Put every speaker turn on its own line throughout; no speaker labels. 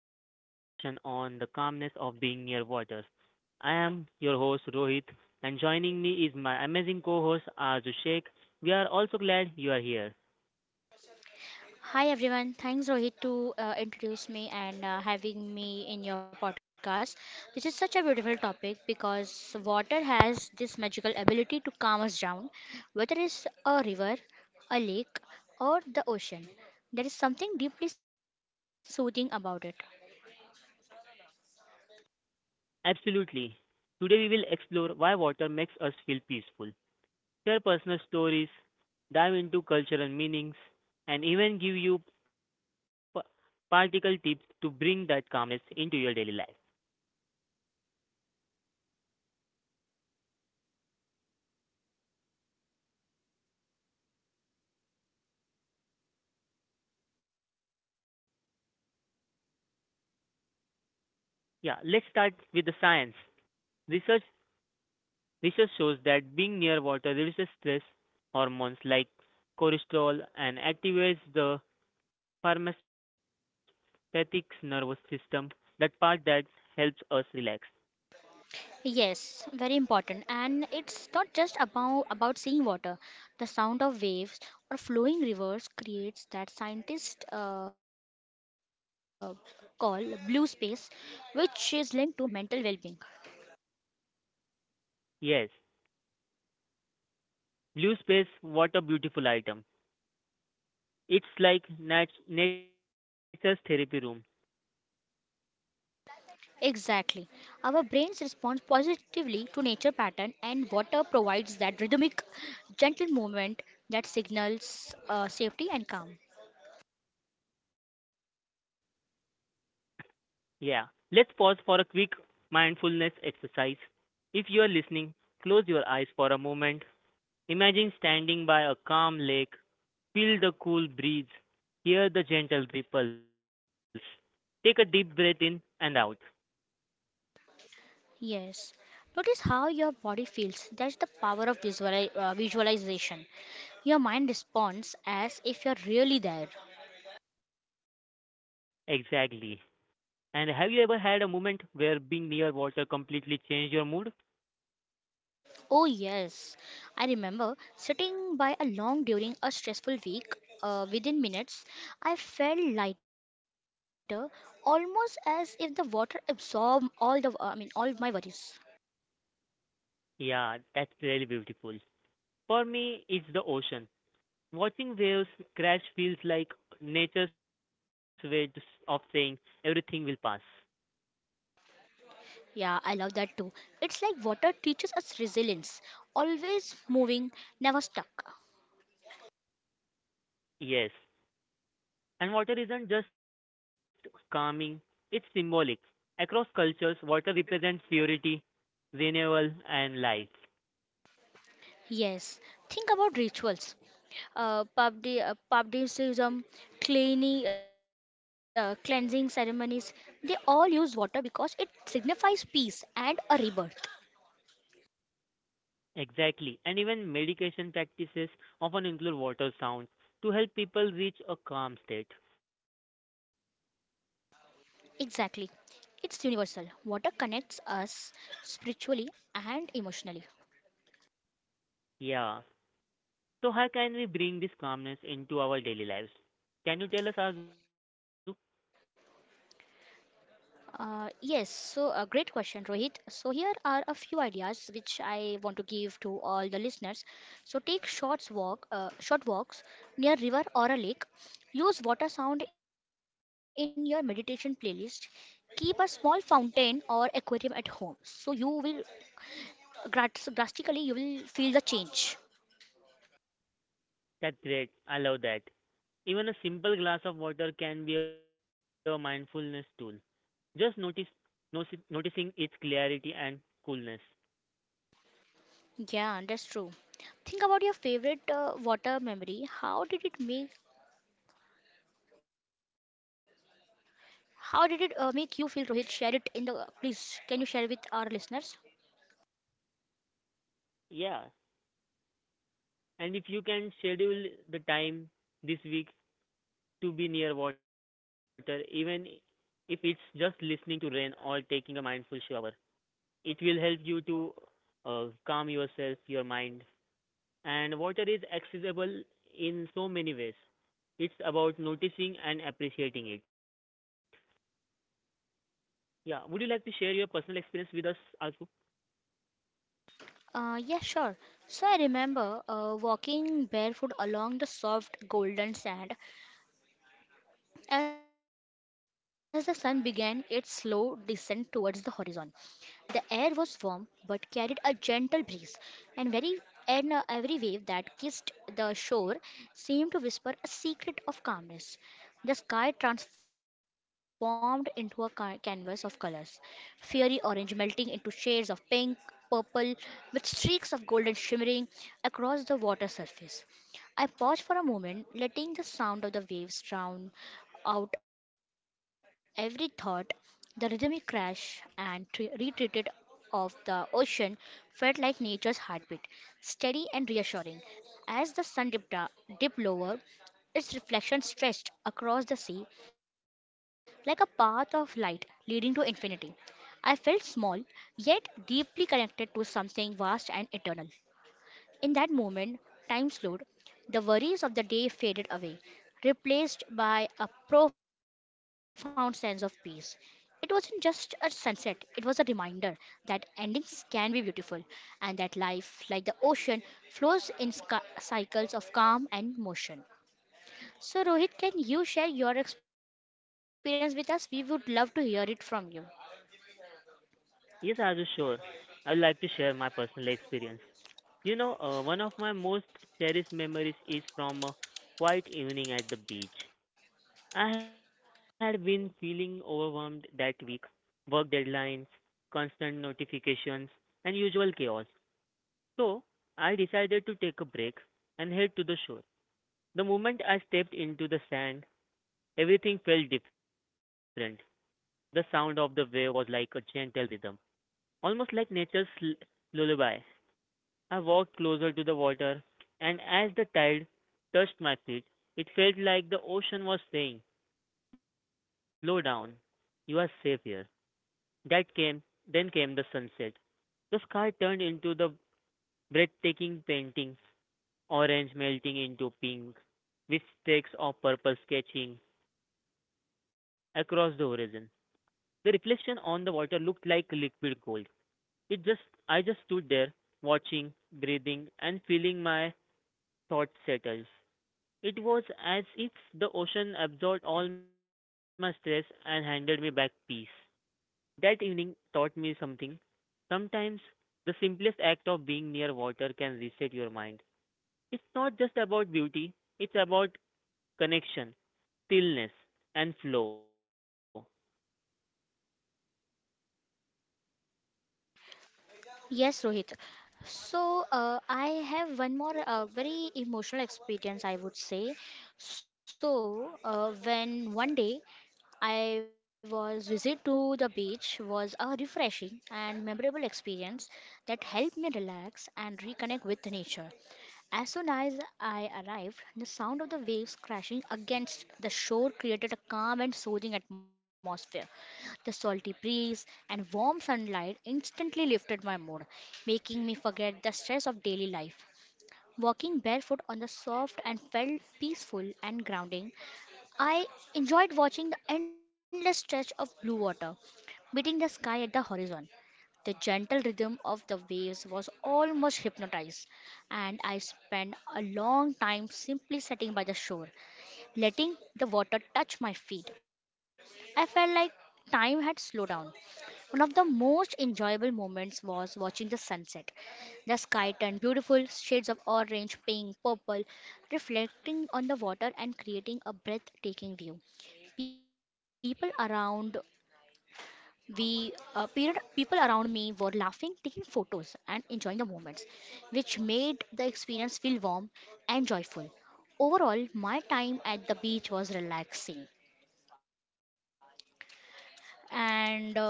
today's conversation on the calmness of being near waters. I am your host Rohit and joining me is my amazing co-host Arzu Sheikh. We are also glad you are here.
Hi everyone, thanks Rohit to introduce me and having me in your podcast. This is such a beautiful topic because water has this magical ability to calm us down, whether it's a river, a lake, or the ocean. There is something deeply soothing about it.
Absolutely. Today we will explore why water makes us feel peaceful, share personal stories, dive into cultural meanings and even give you p- practical tips to bring that calmness into your daily life. Yeah, let's start with the science. Research Research shows that being near water reduces stress hormones like cortisol and activates the parasympathetic nervous system, that part that helps us relax.
Yes, very important. And it's not just about seeing water. The sound of waves or flowing rivers creates that scientists call blue space, which is linked to mental well-being.
Yes, blue space, what a beautiful item. It's like nature's therapy room.
Exactly. Our brains respond positively to nature pattern and water provides that rhythmic, gentle movement that signals safety and calm.
Yeah. Let's pause for a quick mindfulness exercise. If you are listening, close your eyes for a moment. Imagine standing by a calm lake. Feel the cool breeze, hear the gentle ripples. Take a deep breath in and out.
Yes. Notice how your body feels. That's the power of visualization. Your mind responds as if you're really there.
Exactly. And have you ever had a moment where being near water completely changed your mood?
Oh, yes. I remember sitting by a long during a stressful week. Within minutes, I felt lighter, almost as if the water absorbed all my worries.
Yeah, that's really beautiful. For me, it's the ocean. Watching waves crash feels like nature's way of saying everything will pass.
Yeah, I love that too. It's like water teaches us resilience, always moving, never stuck.
Yes, and water isn't just calming, it's symbolic. Across cultures, water represents purity, renewal, and life.
Yes, think about rituals, publicism, cleansing ceremonies. They all use water because it signifies peace and a rebirth.
Exactly. And even meditation practices often include water sounds to help people reach a calm state.
Exactly, it's universal. Water connects us spiritually and emotionally.
Yeah. So, how can we bring this calmness into our daily lives? Can you tell us, Azu?
Great question, Rohit. So here are a few ideas which I want to give to all the listeners. So short walks near river or a lake. Use water sound in your meditation playlist. Keep a small fountain or aquarium at home. So you will drastically you will feel the change.
That's great. I love that. Even a simple glass of water can be a mindfulness tool. Just notice noticing its clarity and coolness.
Yeah, that's true. Think about your favorite water memory. How did it make you feel, Rohit? Share it in the please. Can you share it with our listeners?
Yeah. And if you can schedule the time this week to be near water even if it's just listening to rain or taking a mindful shower. It will help you to calm yourself, your mind. And water is accessible in so many ways. It's about noticing and appreciating it. Yeah, would you like to share your personal experience with us, Arzu?
Yeah, sure. So I remember walking barefoot along the soft golden sand as the sun began its slow descent towards the horizon. The air was warm, but carried a gentle breeze, and very and every wave that kissed the shore seemed to whisper a secret of calmness. The sky transformed into a canvas of colors, fiery orange melting into shades of pink, purple, with streaks of golden shimmering across the water surface. I paused for a moment, letting the sound of the waves drown out every thought. The rhythmic retreat of the ocean felt like nature's heartbeat, steady and reassuring. As the sun dipped lower, its reflection stretched across the sea like a path of light leading to infinity. I felt small, yet deeply connected to something vast and eternal. In that moment, time slowed. The worries of the day faded away, replaced by a profound sense of peace. It wasn't just a sunset, it was a reminder that endings can be beautiful and that life, like the ocean, flows in cycles of calm and motion. So, Rohit, can you share your experience with us? We would love to hear it from you.
Yes, Arzu, sure. I would like to share my personal experience. One of my most cherished memories is from a quiet evening at the beach. I had been feeling overwhelmed that week. Work deadlines, constant notifications, and usual chaos. So, I decided to take a break and head to the shore. The moment I stepped into the sand, everything felt different. The sound of the wave was like a gentle rhythm, almost like lullaby. I walked closer to the water, and as the tide touched my feet, it felt like the ocean was saying, "Slow down, you are safe here." That came, then came the sunset. The sky turned into the breathtaking painting, orange melting into pink, with streaks of purple sketching across the horizon. The reflection on the water looked like liquid gold. It just, I just stood there, watching, breathing, and feeling my thoughts settle. It was as if the ocean absorbed all my stress and handed me back peace. That evening taught me something. Sometimes the simplest act of being near water can reset your mind. It's not just about beauty, it's about connection, stillness, and flow.
Yes, Rohit. I have one more very emotional experience, I would say. When one day I was visit to the beach was a refreshing and memorable experience that helped me relax and reconnect with nature. As soon as I arrived, the sound of the waves crashing against the shore created a calm and soothing atmosphere. The salty breeze and warm sunlight instantly lifted my mood, making me forget the stress of daily life. Walking barefoot on the soft and felt peaceful and grounding. I enjoyed watching the endless stretch of blue water meeting the sky at the horizon. The gentle rhythm of the waves was almost hypnotized, and I spent a long time simply sitting by the shore, letting the water touch my feet. I felt like time had slowed down. One of the most enjoyable moments was watching the sunset. The sky turned beautiful, shades of orange, pink, purple, reflecting on the water and creating a breathtaking view. People around People around me were laughing, taking photos, and enjoying the moments, which made the experience feel warm and joyful. Overall, my time at the beach was relaxing, and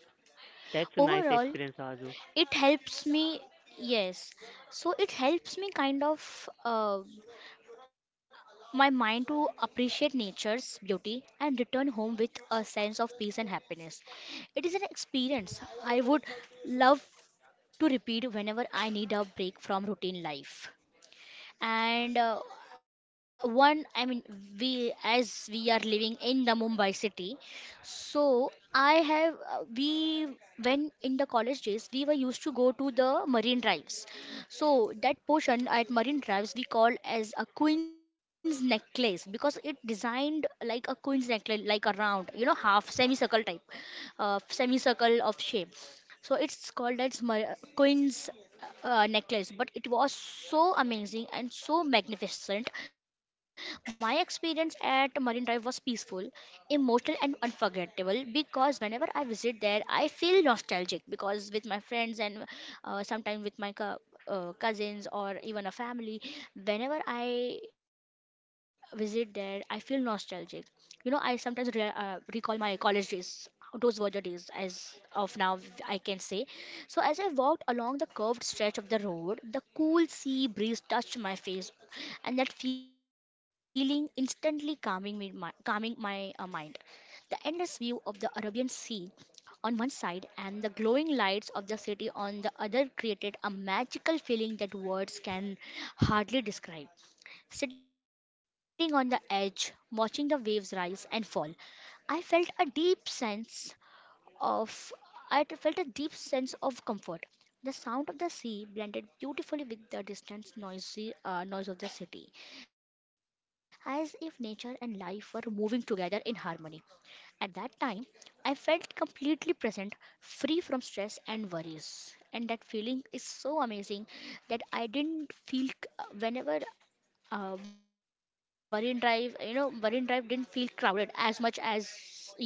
That's a nice experience, Azu.
overall, it helps me. Yes, so it helps me kind of my mind to appreciate nature's beauty and return home with a sense of peace and happiness. It is an experience I would love to repeat whenever I need a break from routine life. And one, I mean, we as we are living in the Mumbai city, so I have we when in the college days we were used to go to the marine drives. So that portion at marine drives we call as a queen's necklace because it designed like a queen's necklace, like a round, you know, half semicircle type, semicircle of shape, so it's called as queen's necklace. But it was so amazing and so magnificent. My experience at marine drive was peaceful, emotional and unforgettable, because whenever I visit there I feel nostalgic because with my friends and sometimes with my cousins or even a family. Whenever I visit there I feel nostalgic. You know, I sometimes recall my college days. Those were the days, as of now, I can say. So, as I walked along the curved stretch of the road, the cool sea breeze touched my face, and that feeling instantly calming me, calming my mind. The endless view of the Arabian Sea on one side and the glowing lights of the city on the other created a magical feeling that words can hardly describe. Sitting on the edge, watching the waves rise and fall, I felt a deep sense of I t- felt a deep sense of comfort. The sound of the sea blended beautifully with the distant noisy noise of the city, as if nature and life were moving together in harmony. At that time, I felt completely present, free from stress and worries. And that feeling is so amazing that I didn't whenever Marine Drive, you know, Marine Drive didn't feel crowded as much as usual,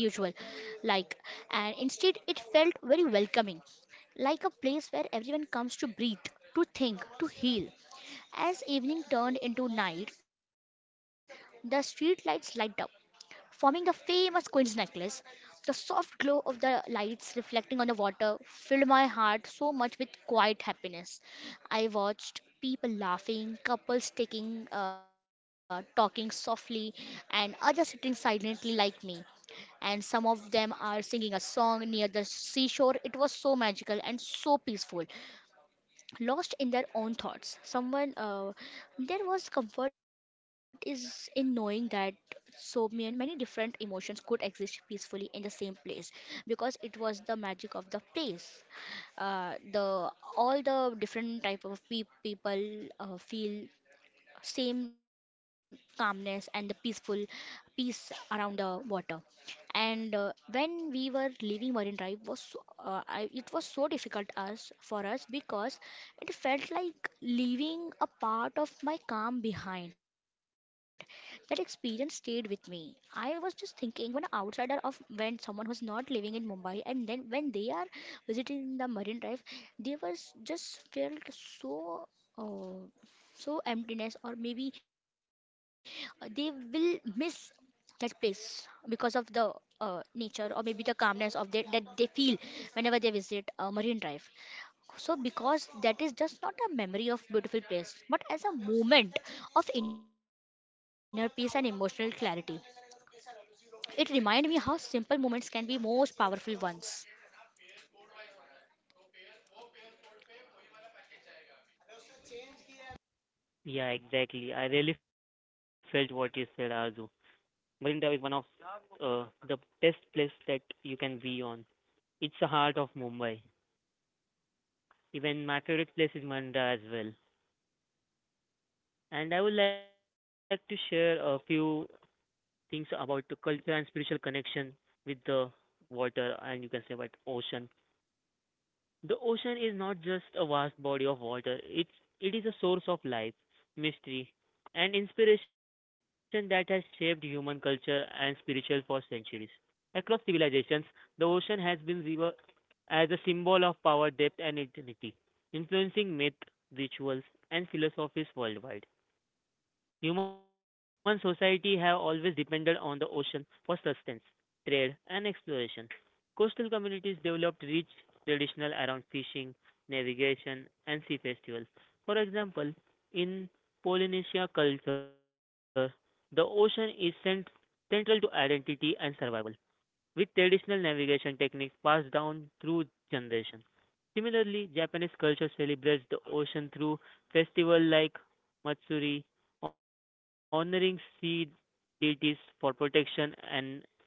like, and instead it felt very welcoming, like a place where everyone comes to breathe, to think, to heal. As evening turned into night, the street lights light up, forming the famous Queen's necklace. The soft glow of the lights reflecting on the water filled my heart so much with quiet happiness. I watched people laughing, couples talking softly, and others sitting silently like me. And some of them are singing a song near the seashore. It was so magical and so peaceful, lost in their own thoughts. Someone There was comfort is in knowing that so many different emotions could exist peacefully in the same place, because it was the magic of the place. The All the different type of people feel same calmness and the peaceful peace around the water. And When we were leaving, marine drive was so, it was so difficult us for us, because it felt like leaving a part of my calm behind. That experience stayed with me. I was just thinking when outsider of when someone who's not living in Mumbai, and then when they are visiting the marine drive, they was just felt so uh, so emptiness, or maybe they will miss that place because of the nature, or maybe the calmness of that they feel whenever they visit marine drive. So because that is just not a memory of beautiful place, but as a moment of inner peace and emotional clarity. It reminded me how simple moments can be most powerful ones.
Yeah, exactly. I really felt what you said, Azu. Marinda is one of the best place that you can be on. It's the heart of Mumbai. Even my favorite place is Marinda as well. And I would like to share a few things about the culture and spiritual connection with the water, and you can say about ocean. The ocean is not just a vast body of water, it is a source of life, mystery, and inspiration that has shaped human culture and spiritual for centuries. Across civilizations, the ocean has been revered as a symbol of power, depth, and eternity, influencing myth, rituals, and philosophies worldwide. Human society have always depended on the ocean for sustenance, trade, and exploration. Coastal communities developed rich traditional around fishing, navigation, and sea festivals. For example, in Polynesia culture, the ocean is central to identity and survival with traditional navigation techniques passed down through generations. Similarly, Japanese culture celebrates the ocean through festivals like Matsuri, honoring sea deities for protection and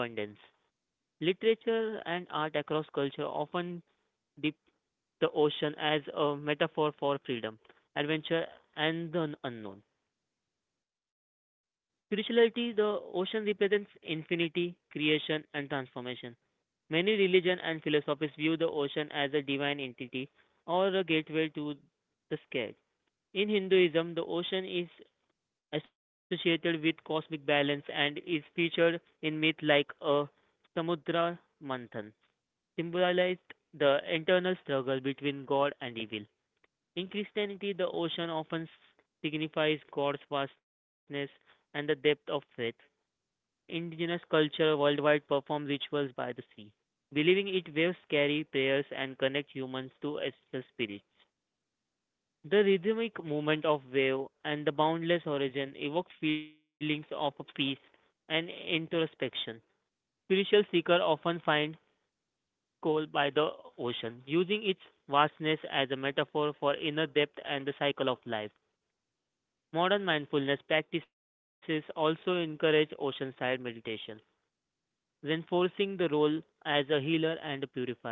abundance. Literature and art across culture often depict the ocean as a metaphor for freedom, adventure, and the unknown. Spirituality, the ocean represents infinity, creation, and transformation. Many religions and philosophies view the ocean as a divine entity or a gateway to the sky. In Hinduism, the ocean is associated with cosmic balance and is featured in myths like a Samudra Manthan, symbolized the internal struggle between God and evil. In Christianity, the ocean often signifies God's vastness and the depth of faith. Indigenous culture worldwide perform rituals by the sea, believing it waves carry prayers and connect humans to ancestral spirits. The rhythmic movement of wave and the boundless horizon evoke feelings of peace and introspection. Spiritual seekers often find coal by the ocean, using its vastness as a metaphor for inner depth and the cycle of life. Modern mindfulness practices also encourage oceanside meditation, reinforcing the role as a healer and a purifier.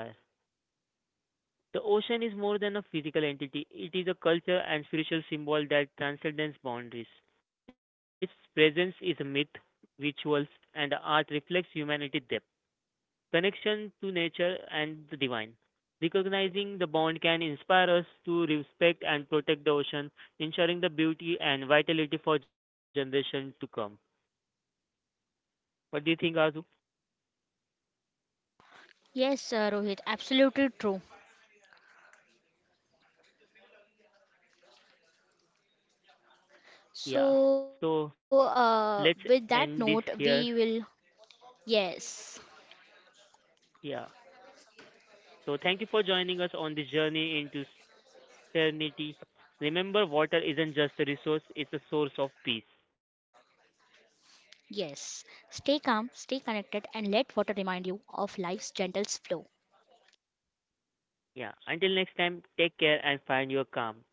The ocean is more than a physical entity, it is a culture and spiritual symbol that transcends boundaries. Its presence is a myth, rituals, and art reflects humanity's depth, connection to nature and the divine. Recognizing the bond can inspire us to respect and protect the ocean, ensuring the beauty and vitality for generations to come. What do you think, Azu?
Yes, Rohit, absolutely true.
Yeah. So
With
let's
that note,
end this
we
here.
will. Yes.
Yeah. So thank you for joining us on this journey into serenity. Remember, water isn't just a resource, it's a source of peace.
Yes, stay calm, stay connected, and let water remind you of life's gentle flow.
Yeah. Until next time, take care and find your calm.